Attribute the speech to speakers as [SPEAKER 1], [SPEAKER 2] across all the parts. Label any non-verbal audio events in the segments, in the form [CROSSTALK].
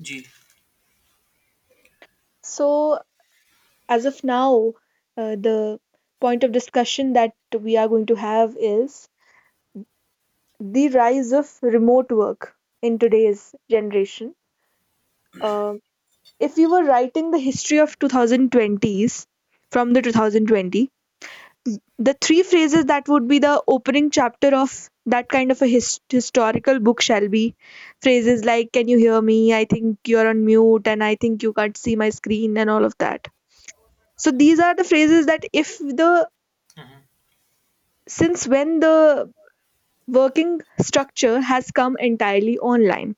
[SPEAKER 1] G.
[SPEAKER 2] So, as of now, the point of discussion that we are going to have is the rise of remote work in today's generation. Uh, if we were writing the history of 2020s from the 2020, the three phrases that would be the opening chapter of that kind of a historical book shall be phrases like, "Can you hear me?" "I think you're on mute." And, "I think you can't see my screen," and all of that. So these are the phrases that if the
[SPEAKER 1] Hmm.
[SPEAKER 2] since when the working structure has come entirely online,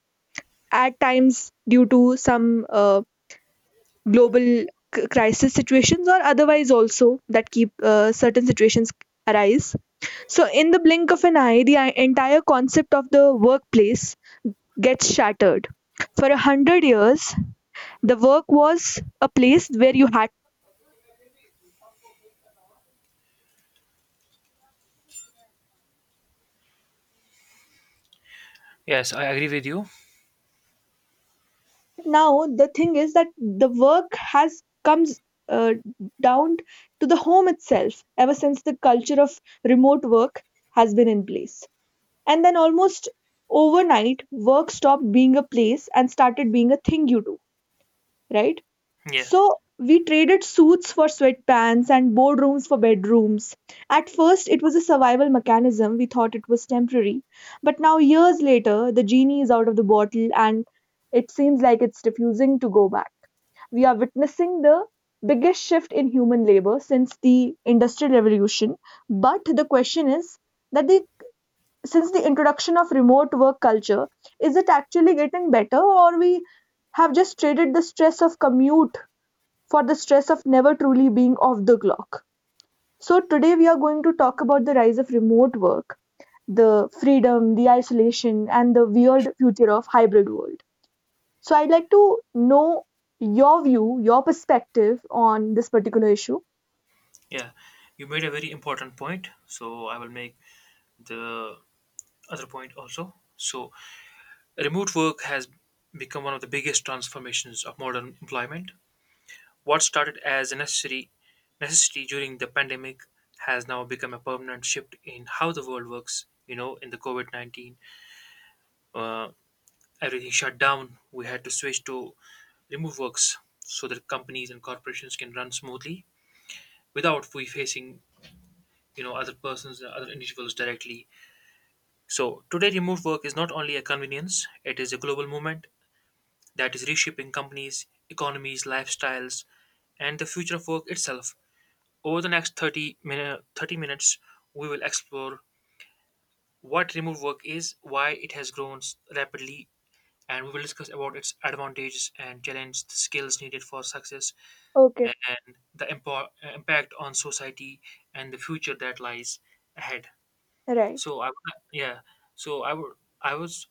[SPEAKER 2] at times due to some global crisis situations or otherwise also that keep certain situations arise. So, in the blink of an eye, the entire concept of the workplace gets shattered. For a hundred years, the work was a place where you had.
[SPEAKER 1] Yes, I agree with you.
[SPEAKER 2] Now the thing is that the work has comes uh, down to the home itself ever since the culture of remote work has been in place, and then almost overnight work stopped being a place and started being a thing you do, right?
[SPEAKER 1] Yeah,
[SPEAKER 2] So we traded suits for sweatpants and boardrooms for bedrooms. At first it was a survival mechanism, we thought it was temporary, but now years later the genie is out of the bottle and it seems like it's refusing to go back. We are witnessing the biggest shift in human labor since the industrial revolution. But the question is that the since the introduction of remote work culture, is it actually getting better, or we have just traded the stress of commute for the stress of never truly being off the clock? So today we are going to talk about the rise of remote work, the freedom, the isolation, and the weird future of hybrid world. So I'd like to know your view, your perspective on this particular issue.
[SPEAKER 1] yeah. You made a very important point, so I will make the other point also. So, remote work has become one of the biggest transformations of modern employment. What started as a necessary necessity during the pandemic has now become a permanent shift in how the world works. You know, in the COVID 19, uh, everything shut down. We had to switch to remote works so that companies and corporations can run smoothly without we facing other persons and other individuals directly. So today, remote work is not only a convenience, it is a global movement that is reshaping companies, economies, lifestyles, and the future of work itself. Over the next 30 minutes, we will explore what remote work is, why it has grown rapidly, and we will discuss about its advantages and challenge, the skills needed for success,
[SPEAKER 2] Okay.
[SPEAKER 1] and the impact on society, and the future that lies ahead.
[SPEAKER 2] Right.
[SPEAKER 1] So I yeah. So I would I was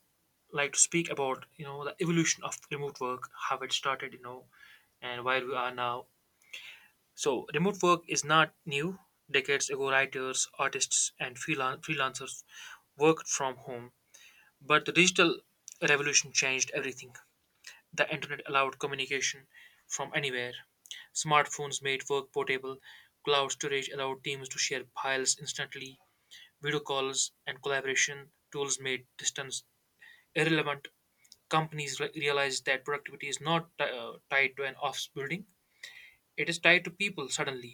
[SPEAKER 1] like to speak about the evolution of remote work, how it started, and where we are now. So remote work is not new. Decades ago, writers, artists, and freelancers worked from home, but the digital revolution changed everything. The internet allowed communication from anywhere. Smartphones made work portable. Cloud storage allowed teams to share files instantly. Video calls and collaboration tools made distance irrelevant. Companies realize that productivity is not tied to an office building, it is tied to people. Suddenly,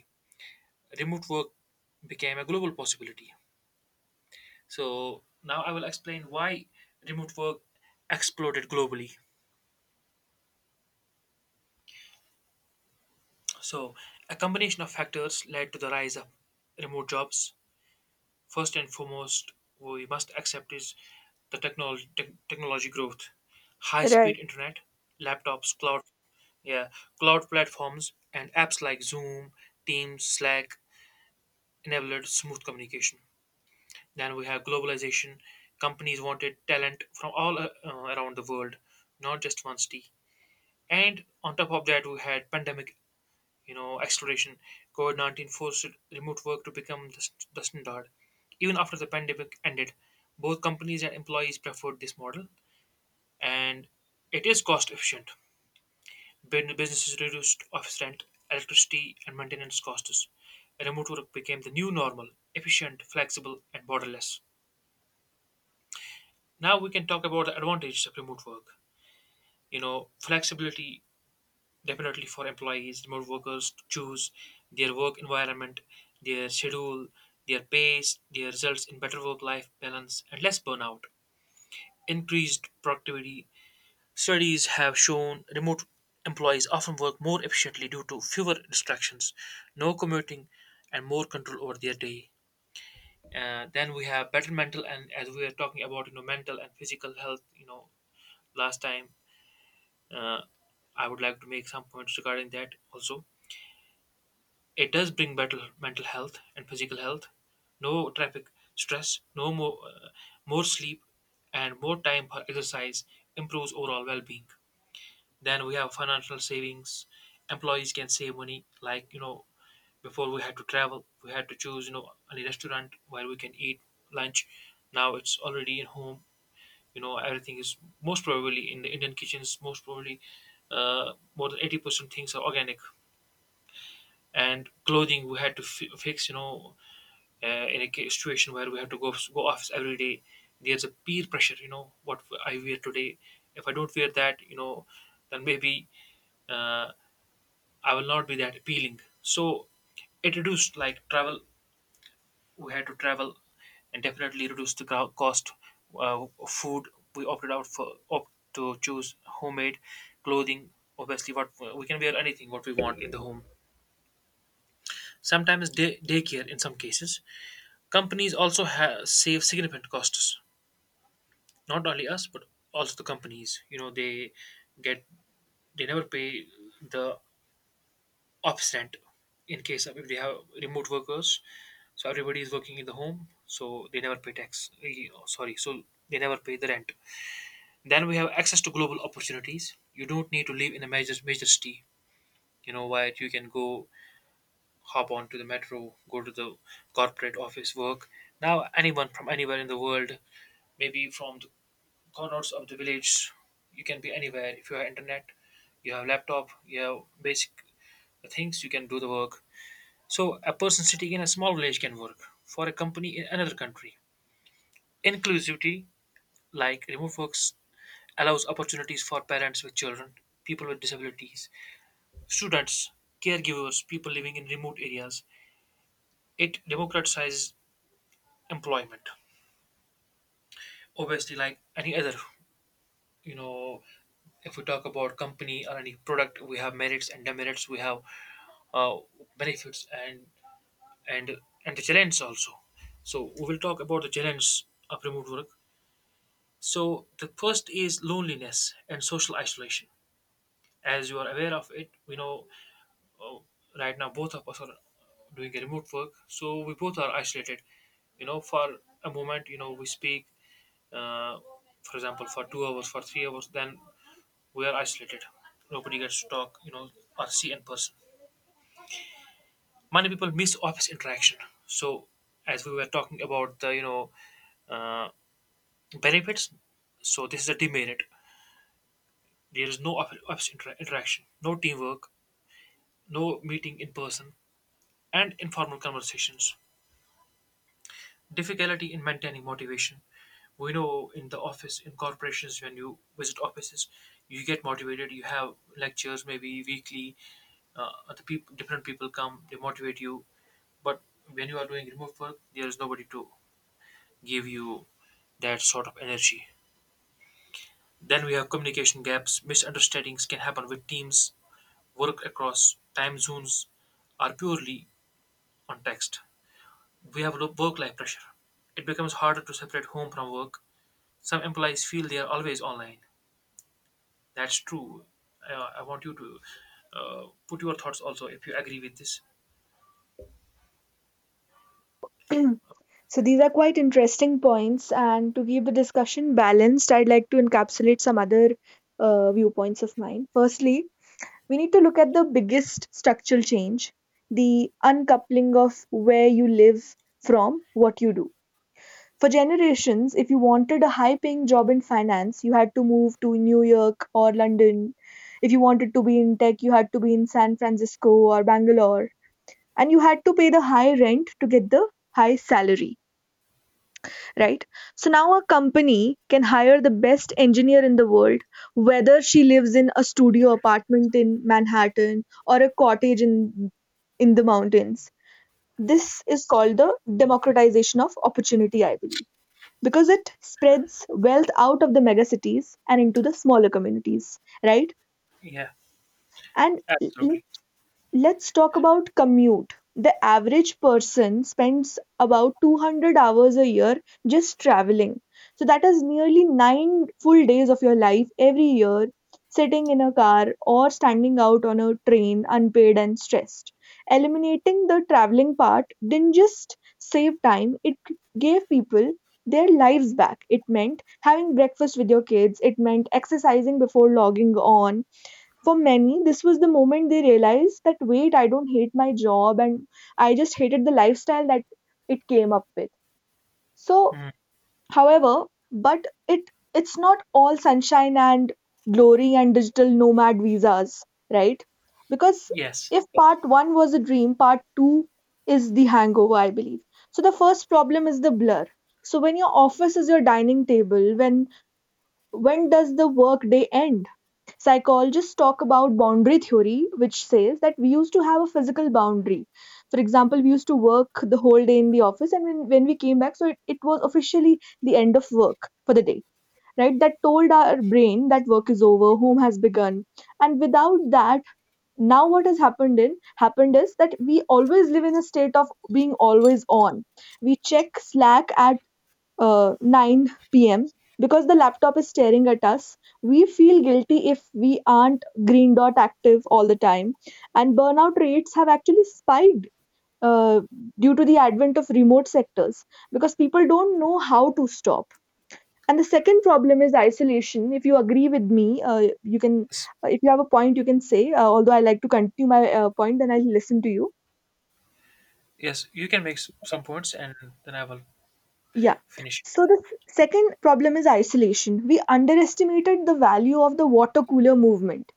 [SPEAKER 1] remote work became a global possibility. So now I will explain why remote work exploded globally. So a combination of factors led to the rise of remote jobs. First and foremost, we must accept is the technology growth, high speed
[SPEAKER 2] Right.
[SPEAKER 1] internet, laptops, cloud. Yeah, cloud platforms and apps like Zoom, Teams, Slack enabled smooth communication. Then we have globalization. Companies wanted talent from all around the world, not just one city. And on top of that, we had pandemic, you know, acceleration. COVID 19 forced remote work to become the standard. Even after the pandemic ended, both companies and employees preferred this model, and it is cost efficient. Businesses reduced office rent, electricity, and maintenance costs. Remote work became the new normal, efficient, flexible, and borderless. Now we can talk about the advantages of remote work. You know, flexibility definitely for employees, remote workers to choose their work environment, their schedule, their pace, their results in better work life balance, and less burnout. Increased productivity. Studies have shown remote employees often work more efficiently due to fewer distractions, no commuting, and more control over their day. Then we have better mental and, as we were talking about, you know, mental and physical health, you know, last time, uh, I would like to make some points regarding that also. It does bring better mental health and physical health, no traffic stress, no more more sleep and more time for exercise improves overall well-being. Then we have financial savings. Employees can save money. Like before we had to travel, we had to choose any restaurant where we can eat lunch. Now it's already in home. You know, everything is most probably in the Indian kitchens. Most probably, more than 80% things are organic. And clothing we had to fix. You know, in a situation where we have to go office every day, there's a peer pressure. You know what I wear today. If I don't wear that, then maybe, uh, I will not be that appealing. So it reduced like travel. We had to travel and definitely reduced the cost. Of food, we opted out for opt to choose homemade clothing. Obviously, what we can wear anything what we want in the home. Sometimes daycare in some cases. Companies also save significant costs. Not only us, but also the companies. You know they get, they never pay the obstinate in case of if they have remote workers. So everybody is working in the home, so they never pay tax eh, oh, sorry so they never pay the rent. Then we have access to global opportunities. You don't need to live in a major city, you know. Why? You can go, hop on to the metro, go to the corporate office, work. Now anyone from anywhere in the world, maybe from the corners of the village, you can be anywhere. If you have internet, you have laptop, you have basic things, you can do the work. So a person sitting in a small village can work for a company in another country. Inclusivity, like remote works, allows opportunities for parents with children, people with disabilities, students, caregivers, people living in remote areas. It democratizes employment. Obviously, like any other, you know, if we talk about company or any product, we have merits and demerits, we have uh, benefits and and the challenges also. So we will talk about the challenge of remote work. So the first is loneliness and social isolation. As you are aware of it, we know, uh, right now both of us are doing a remote work, so we both are isolated. You know, for a moment, we speak, uh, for example, for 2 hours, for 3 hours, then we are isolated. Nobody gets to talk, you know, or see in person. Many people miss office interaction. So, as we were talking about the, uh, benefits, so this is a demerit. There is no office interaction, no teamwork, no meeting in person, and informal conversations. Difficulty in maintaining motivation. We know in the office, in corporations, when you visit offices, you get motivated. You have lectures maybe weekly. Uh, the people, different people come, they motivate you. But when you are doing remote work, there is nobody to give you that sort of energy. Then we have communication gaps. Misunderstandings can happen with teams. Work across time zones are purely on text. We have work life pressure. It becomes harder to separate home from work. Some employees feel they are always online. That's true. I want you to, uh, put your thoughts also if you agree with this.
[SPEAKER 2] [CLEARS THROAT] So these are quite interesting points, and to keep the discussion balanced, I'd like to encapsulate some other viewpoints of mine. Firstly, we need to look at the biggest structural change, the uncoupling of where you live from what you do. For generations, if you wanted a high paying job in finance, you had to move to New York or London. If you wanted to be in tech, you had to be in San Francisco or Bangalore. And you had to pay the high rent to get the high salary, right? So now a company can hire the best engineer in the world, whether she lives in a studio apartment in Manhattan or a cottage in the mountains. This is called the democratization of opportunity, I believe, because it spreads wealth out of the megacities and into the smaller communities, right?
[SPEAKER 1] Yeah,
[SPEAKER 2] And l-
[SPEAKER 1] absolutely.
[SPEAKER 2] Let's talk about commute. The average person spends about 200 hours a year just traveling. So that is nearly 9 full days of your life every year sitting in a car or standing out on a train, unpaid and stressed. Eliminating the traveling part didn't just save time, it gave people their lives back. It meant having breakfast with your kids, it meant exercising before logging on. For many, this was the moment they realized that, wait, I don't hate my job, and I just hated the lifestyle that it came up with. So,
[SPEAKER 1] Mm,
[SPEAKER 2] however, but it it's not all sunshine and glory and digital nomad visas, right? Because
[SPEAKER 1] yes,
[SPEAKER 2] if part 1 was a dream, part 2 is the hangover, I believe. So the first problem is the blur. So when your office is your dining table, when does the work day end? Psychologists talk about boundary theory, which says that we used to have a physical boundary. For example, we used to work the whole day in the office, and when we came back, so it was officially the end of work for the day, right? That told our brain that work is over, home has begun. And without that, now what has happened is that we always live in a state of being always on. We check Slack at 9 p.m. Because the laptop is staring at us, we feel guilty if we aren't green dot active all the time. And burnout rates have actually spiked uh, due to the advent of remote sectors because people don't know how to stop. And the second problem is isolation. If you agree with me, you can,
[SPEAKER 1] yes,
[SPEAKER 2] if you have a point, you can say. Although I like to continue my point, then I'll listen to you.
[SPEAKER 1] yes. You can make some points and then I will
[SPEAKER 2] Yeah.
[SPEAKER 1] finish.
[SPEAKER 2] So the second problem is isolation. We underestimated the value of the water cooler movement.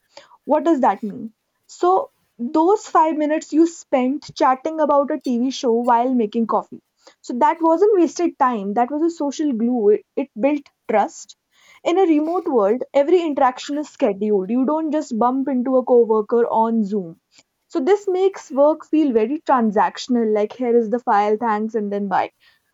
[SPEAKER 2] What does that mean? So, those 5 minutes you spent chatting about a TV show while making coffee. So, that wasn't wasted time, that was a social glue. It built trust. In a remote world, every interaction is scheduled. You don't just bump into a coworker on Zoom. So, this makes work feel very transactional, like, here is the file, thanks, and then bye.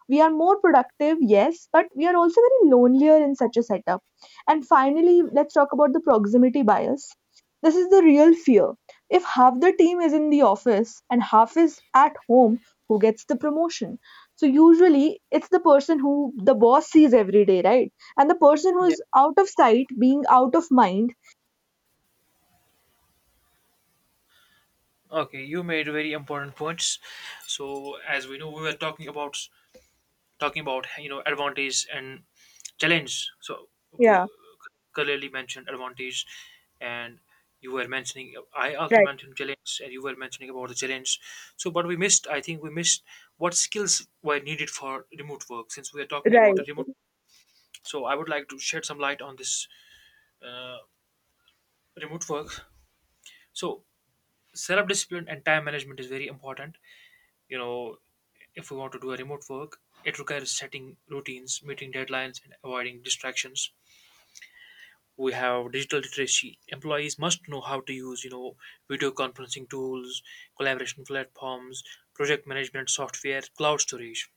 [SPEAKER 2] We are more productive, yes, but we are also very lonelier in such a setup. And finally, let's talk about the proximity bias. This is the real fear. If half the team is in the office and half is at home, who gets the promotion? So usually it's the person who the boss sees every day, right? And the person who
[SPEAKER 1] Yeah.
[SPEAKER 2] is out of sight, being out of mind.
[SPEAKER 1] Okay, you made very important points. So, as we know, we were talking about, advantage and challenge, so we
[SPEAKER 2] Yeah,
[SPEAKER 1] clearly mentioned advantage, and you were mentioning, I also
[SPEAKER 2] right,
[SPEAKER 1] mentioned challenge and you were mentioning about the challenge. So but we missed I think we missed what skills were needed for remote work since we are talking
[SPEAKER 2] right.
[SPEAKER 1] about a remote. So I would like to shed some light on this. uh, Remote work. So self discipline and time management is very important. You know, if we want to do a remote work, it requires setting routines, meeting deadlines, and avoiding distractions. We have digital literacy. Employees must know how to use, video conferencing tools, collaboration platforms, project management software, cloud storage.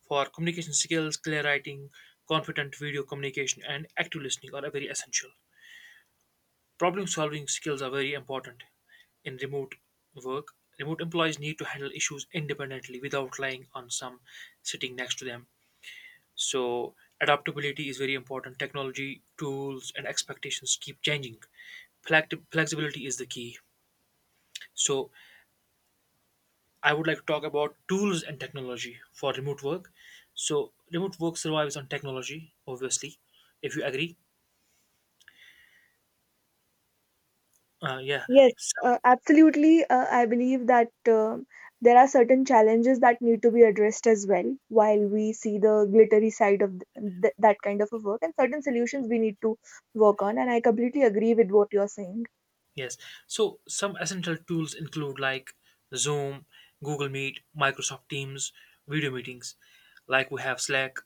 [SPEAKER 1] For communication skills, clear writing, confident video communication, and active listening are very essential. Problem solving skills are very important in remote work. Remote employees need to handle issues independently without relying on some sitting next to them. So adaptability is very important. Technology, tools, and expectations keep changing. Flexibility is the key. So, I would like to talk about tools and technology for remote work. So, remote work survives on technology, obviously, if you agree. Yeah.
[SPEAKER 2] Yes,
[SPEAKER 1] Some,
[SPEAKER 2] absolutely. I believe that um there are certain challenges that need to be addressed as well while we see the glittery side of that kind of a work, and certain solutions we need to work on. And I completely agree with what you're saying.
[SPEAKER 1] yes. So, some essential tools include like Zoom, Google Meet, Microsoft Teams, video meetings. Like we have Slack,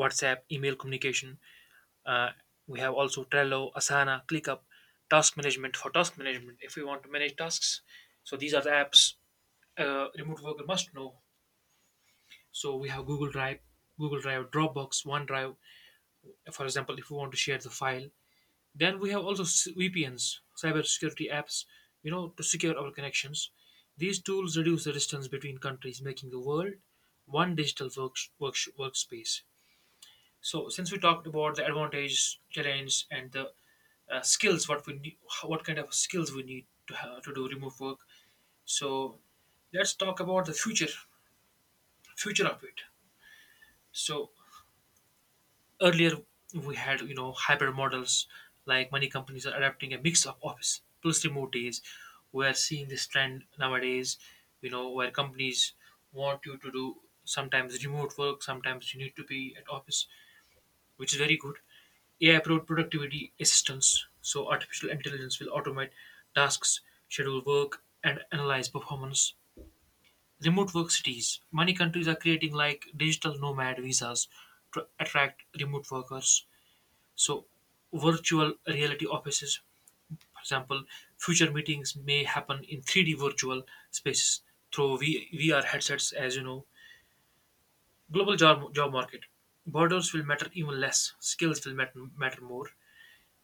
[SPEAKER 1] WhatsApp, email communication. Uh, we have also Trello, Asana, ClickUp, task management for task management if we want to manage tasks. So, these are the apps a remote worker must know. So we have Google Drive, Dropbox, OneDrive. For example, if we want to share the file, then we have also VPNs, cybersecurity apps, you know, to secure our connections. These tools reduce the distance between countries, making the world one digital workspace. So since we talked about the advantages, challenge, and the, skills, what we need, what kind of skills we need to have, to do remote work. So let's talk about the future of it. So, earlier, we had hybrid models, like many companies are adapting a mix of office plus remote days. We are seeing this trend nowadays, where companies want you to do sometimes remote work, sometimes you need to be at office, which is very good. AI productivity assistance, so artificial intelligence will automate tasks, schedule work, and analyze performance. Remote work cities. Many countries are creating like digital nomad visas to attract remote workers. So, virtual reality offices, for example, future meetings may happen in 3D virtual spaces through VR headsets, as you know. Global job market. Borders will matter even less, skills will matter more.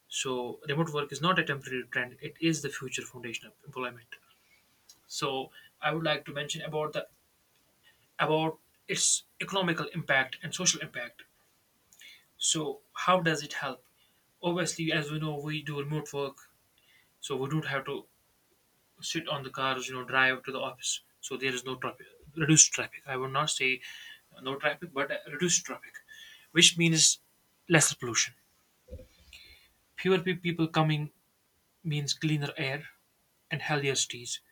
[SPEAKER 1] So, remote work is not a temporary trend, it is the future foundation of employment. So, I would like to mention about the about its economical impact and social impact. So, how does it help? Obviously, as we know, we do remote work, so we don't have to sit on the cars, you know, drive to the office. So there is no traffic, reduced traffic. I would not say no traffic, but reduced traffic, which means lesser pollution. Fewer people coming means cleaner air and healthier cities.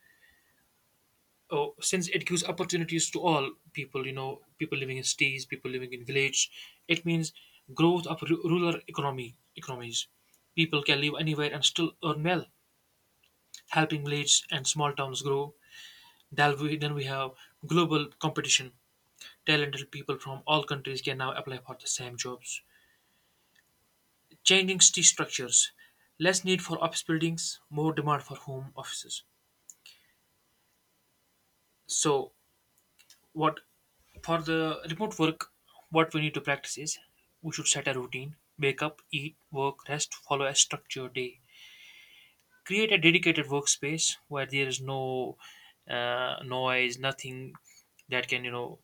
[SPEAKER 1] Oh, since it gives opportunities to all people, you know, people living in cities, people living in village, it means growth of ru- rural economy economies. People can live anywhere and still earn well, helping villages and small towns grow. Then we have global competition. Talented people from all countries can now apply for the same jobs. Changing city structures, less need for office buildings, more demand for home offices. So, what for the remote work, what we need to practice is we should set a routine, wake up, eat, work, rest, follow a structured day. Create a dedicated workspace where there is no noise, nothing that can, you know,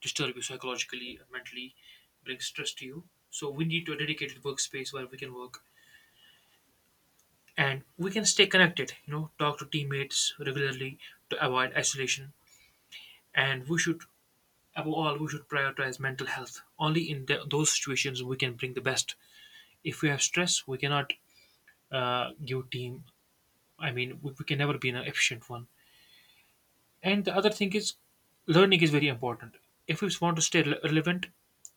[SPEAKER 1] disturb you psychologically, mentally, bring stress to you. So we need to a dedicated workspace where we can work, and we can stay connected, you know, talk to teammates regularly to avoid isolation. And we should, above all, we should prioritize mental health. Only in the, those situations we can bring the best. If we have stress, we cannot give team, I mean we can never be an efficient one. And the other thing is learning is very important. If we want to stay relevant,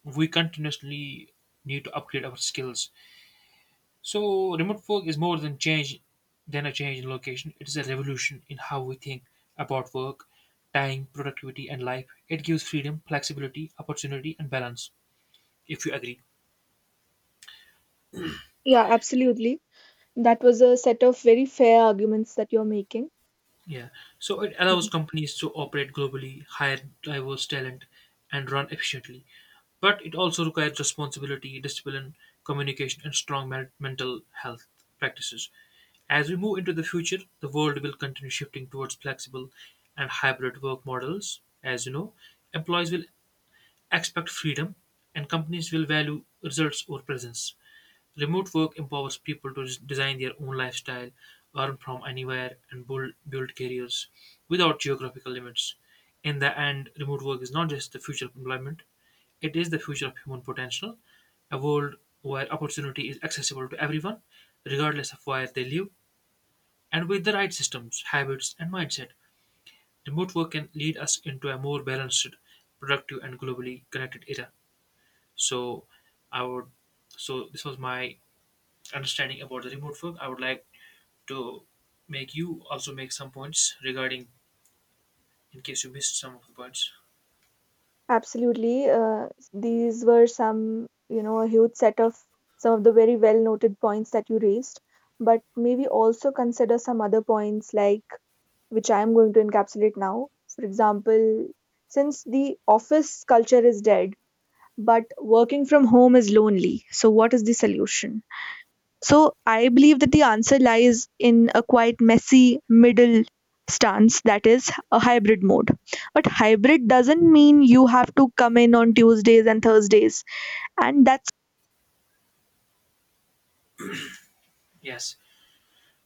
[SPEAKER 1] we continuously need to upgrade our skills. So remote work is more than change than a change in location. It is a revolution in how we think about work, time, productivity, and life. It gives freedom, flexibility, opportunity, and balance. If you agree.
[SPEAKER 2] Yeah, absolutely. That was a set of very fair arguments that you're making.
[SPEAKER 1] Yeah. So it allows
[SPEAKER 2] Mhm.
[SPEAKER 1] companies to operate globally, hire diverse talent, and run efficiently. But it also requires responsibility, discipline, communication, and strong mental health practices. As we move into the future, the world will continue shifting towards flexible and hybrid work models. As you know, employees will expect freedom, and companies will value results over presence. Remote work empowers people to design their own lifestyle, earn from anywhere, and build careers without geographical limits. In the end, remote work is not just the future of employment, it is the future of human potential, a world where opportunity is accessible to everyone, regardless of where they live, and with the right systems, habits, and mindset. Remote work can lead us into a more balanced, productive, and globally connected era. So, I would so this was my understanding about the remote work. I would like to make you also make some points regarding in case you missed some of the points.
[SPEAKER 2] Absolutely. These were some, you know, a huge set of some of the very well noted points that you raised. But maybe also consider some other points, like, which I am going to encapsulate now. For example, since the office culture is dead, but working from home is lonely, so what is the solution? So I believe that the answer lies in a quite messy middle stance, that is a hybrid mode. But hybrid doesn't mean you have to come in on Tuesdays and Thursdays. And that's
[SPEAKER 1] Yes.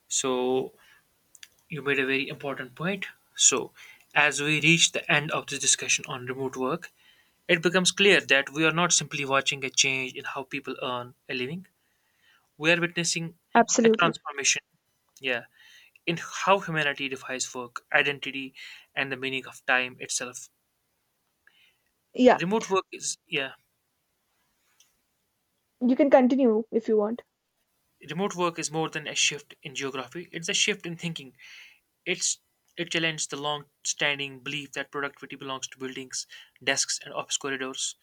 [SPEAKER 1] So you made a very important point. So as we reach the end of this discussion on remote work, it becomes clear that we are not simply watching a change in how people earn a living. We are witnessing a
[SPEAKER 2] absolutely.
[SPEAKER 1] transformation, yeah, in how humanity defines work, identity, and the meaning of time itself.
[SPEAKER 2] Yeah,
[SPEAKER 1] Remote work is yeah,
[SPEAKER 2] you can continue if you want.
[SPEAKER 1] remote work is more than a shift in geography. It's a shift in thinking. It's, it challenged the long-standing belief that productivity belongs to buildings, desks, and office corridors.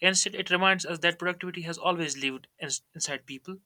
[SPEAKER 1] Instead, it reminds us that productivity has always lived inside people,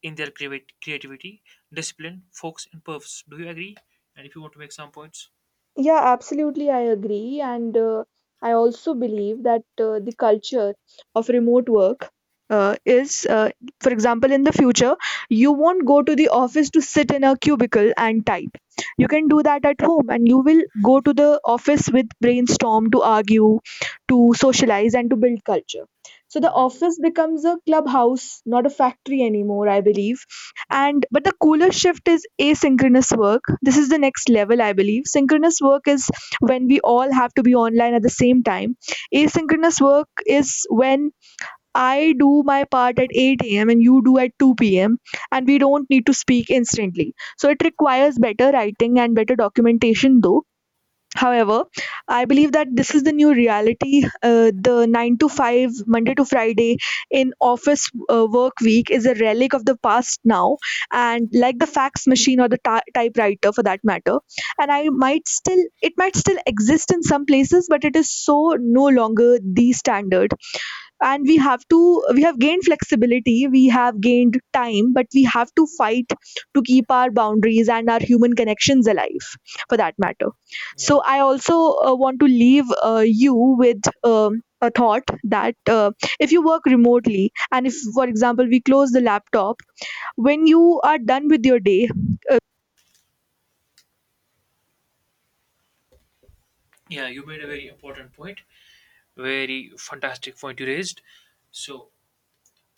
[SPEAKER 1] in their creativity, discipline, focus, and purpose. Do you agree? And if you want to make some points.
[SPEAKER 2] Yeah, absolutely, I agree. And I also believe that the culture of remote work uh, is, uh, for example, in the future, you won't go to the office to sit in a cubicle and type. You can do that at home, and you will go to the office with brainstorm to argue, to socialize, and to build culture. So the
[SPEAKER 1] Hmm.
[SPEAKER 2] office becomes a clubhouse, not a factory anymore, I believe.
[SPEAKER 1] Hmm.
[SPEAKER 2] And but the cooler shift is asynchronous work, this is the next level I believe. Synchronous work is when we all have to be online at the same time. Asynchronous work is when I do my part at 8 a.m. and you do at 2 p.m., and we don't need to speak instantly, so it requires better writing and better documentation though. However, I believe that this is the new reality. The 9 to 5, Monday to Friday in office work week is a relic of the past now, and like the fax machine or the typewriter for that matter. And I might still, it might still exist in some places, but it is so no longer the standard. And we have gained flexibility, we have gained time, but we have to fight to keep our boundaries and our human connections alive, for that matter.
[SPEAKER 1] Yeah.
[SPEAKER 2] So I also want to leave you with a thought that if you work remotely, and if, for example, we close the laptop when you are done with your day.
[SPEAKER 1] Yeah, you made a very important point, very fantastic point you raised. So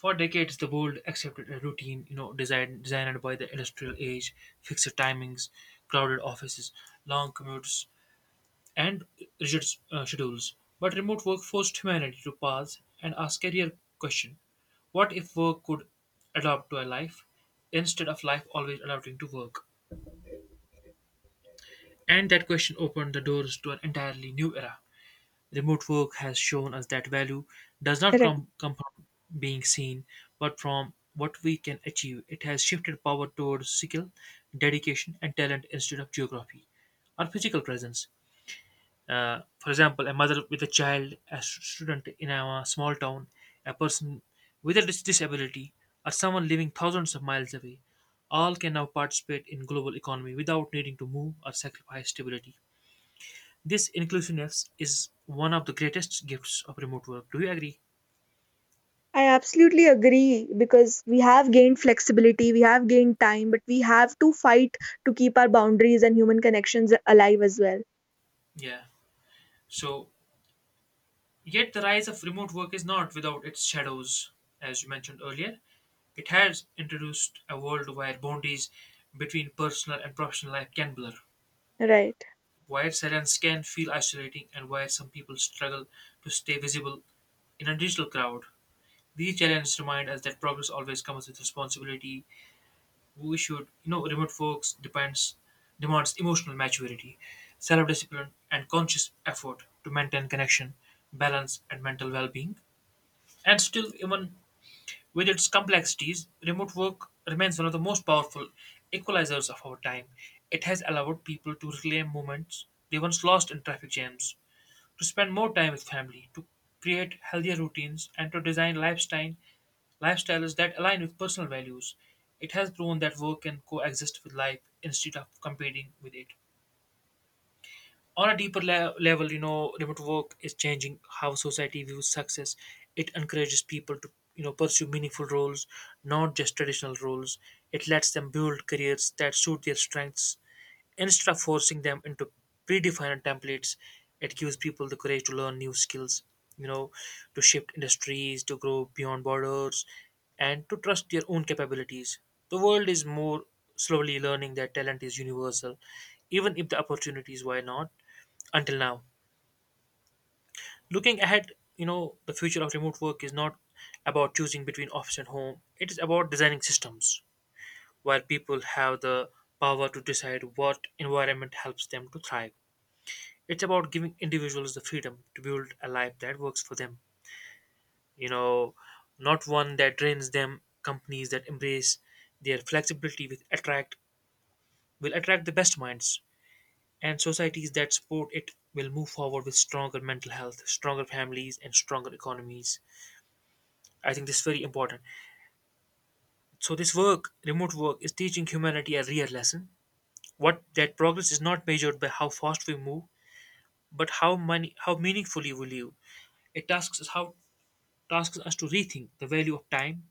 [SPEAKER 1] for decades, the world accepted a routine, you know, designed by the industrial age, fixed timings, crowded offices, long commutes, and rigid schedules. But remote work forced humanity to pause and ask a real question: What if work could adapt to a life instead of life always adapting to work? And that question opened the doors to an entirely new era. Remote work has shown us that value does not come from being seen, but from what we can achieve. It has shifted power towards skill, dedication, and talent instead of geography or physical presence. For example, a mother with a child, a student in a small town, a person with a disability, or someone living thousands of miles away, all can now participate in global economy without needing to move or sacrifice stability. This inclusiveness is one of the greatest gifts of remote work. Do you agree?
[SPEAKER 2] I absolutely agree because we have gained flexibility, we have gained time, but we have to fight to keep our boundaries and human connections alive as well.
[SPEAKER 1] Yeah. So, yet the rise of remote work is not without its shadows, as you mentioned earlier. It has introduced a world where boundaries between personal and professional life can blur,
[SPEAKER 2] Right.
[SPEAKER 1] where silence can feel isolating, and where some people struggle to stay visible in a digital crowd. These challenges remind us that progress always comes with responsibility. We should, you know, remote works depends demands emotional maturity, self-discipline, and conscious effort to maintain connection, balance, and mental well-being. And still, even with its complexities, remote work remains one of the most powerful equalizers of our time. It has allowed people to reclaim moments they once lost in traffic jams, to spend more time with family, to create healthier routines, and to design lifestyles that align with personal values. It has proven that work can coexist with life instead of competing with it. On a deeper level, you know, remote work is changing how society views success. It encourages people to, you know, pursue meaningful roles, not just traditional roles. It lets them build careers that suit their strengths instead of forcing them into predefined templates. It gives people the courage to learn new skills, you know, to shift industries, to grow beyond borders, and to trust their own capabilities. The world is more slowly learning that talent is universal, even if the opportunities why not until now. Looking ahead, you know, the future of remote work is not about choosing between office and home. It is about designing systems where people have the power to decide what environment helps them to thrive. It's about giving individuals the freedom to build a life that works for them. You know, not one that drains them. Companies that embrace their flexibility with attract will attract the best minds, and societies that support it will move forward with stronger mental health, stronger families, and stronger economies. I think this is very important. So this work, remote work, is teaching humanity a real lesson. What that progress is not measured by how fast we move, but how meaningfully we live. It tasks us to rethink the value of time,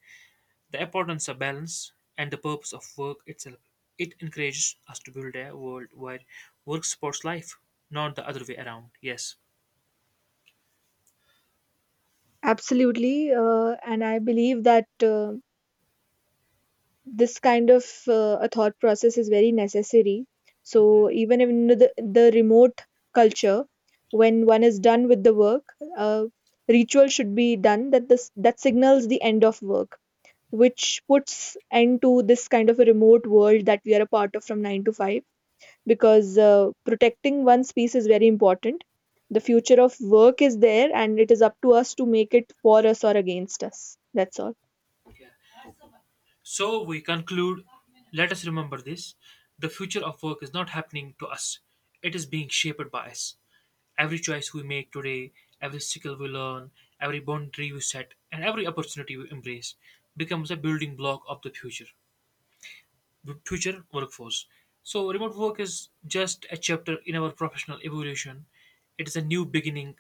[SPEAKER 1] the importance of balance, and the purpose of work itself. It encourages us to build a world where work supports life, not the other way around. Yes.
[SPEAKER 2] Absolutely. And I believe that this kind of a thought process is very necessary. So even in the remote culture, when one is done with the work, uh, ritual should be done that this that signals the end of work, which puts end to this kind of a remote world that we are a part of from 9 to 5, because protecting one's peace is very important. The future of work is there, and it is up to us to make it for us or against us. That's all.
[SPEAKER 1] Yeah. So we conclude. Let us remember this: the future of work is not happening to us; it is being shaped by us. Every choice we make today, every skill we learn, every boundary we set, and every opportunity we embrace becomes a building block of the future workforce. So remote work is just a chapter in our professional evolution. It is a new beginning,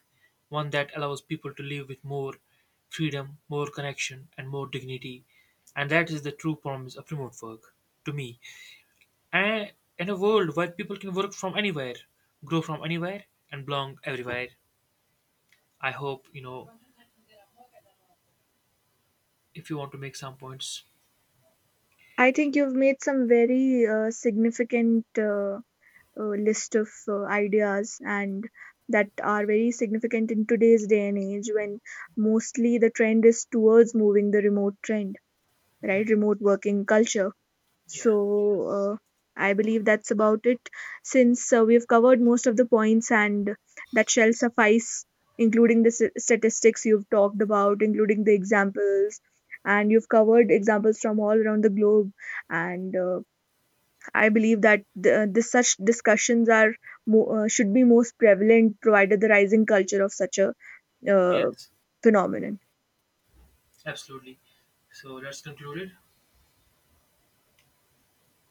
[SPEAKER 1] one that allows people to live with more freedom, more connection, and more dignity. And that is the true promise of remote work to me. And in a world where people can work from anywhere, grow from anywhere, and belong everywhere, I hope, you know, if you want to make some points.
[SPEAKER 2] I think you've made some very significant list of ideas, and that are very significant in today's day and age when mostly the trend is towards moving the remote trend, right? Remote working culture.
[SPEAKER 1] Yeah.
[SPEAKER 2] So uh, I believe that's about it, since we've covered most of the points, and that shall suffice, including the statistics you've talked about, including the examples. And you've covered examples from all around the globe, and I believe that this such discussions are should be most prevalent, provided the rising culture of such a uh,
[SPEAKER 1] Yes.
[SPEAKER 2] phenomenon.
[SPEAKER 1] Absolutely. So that's concluded.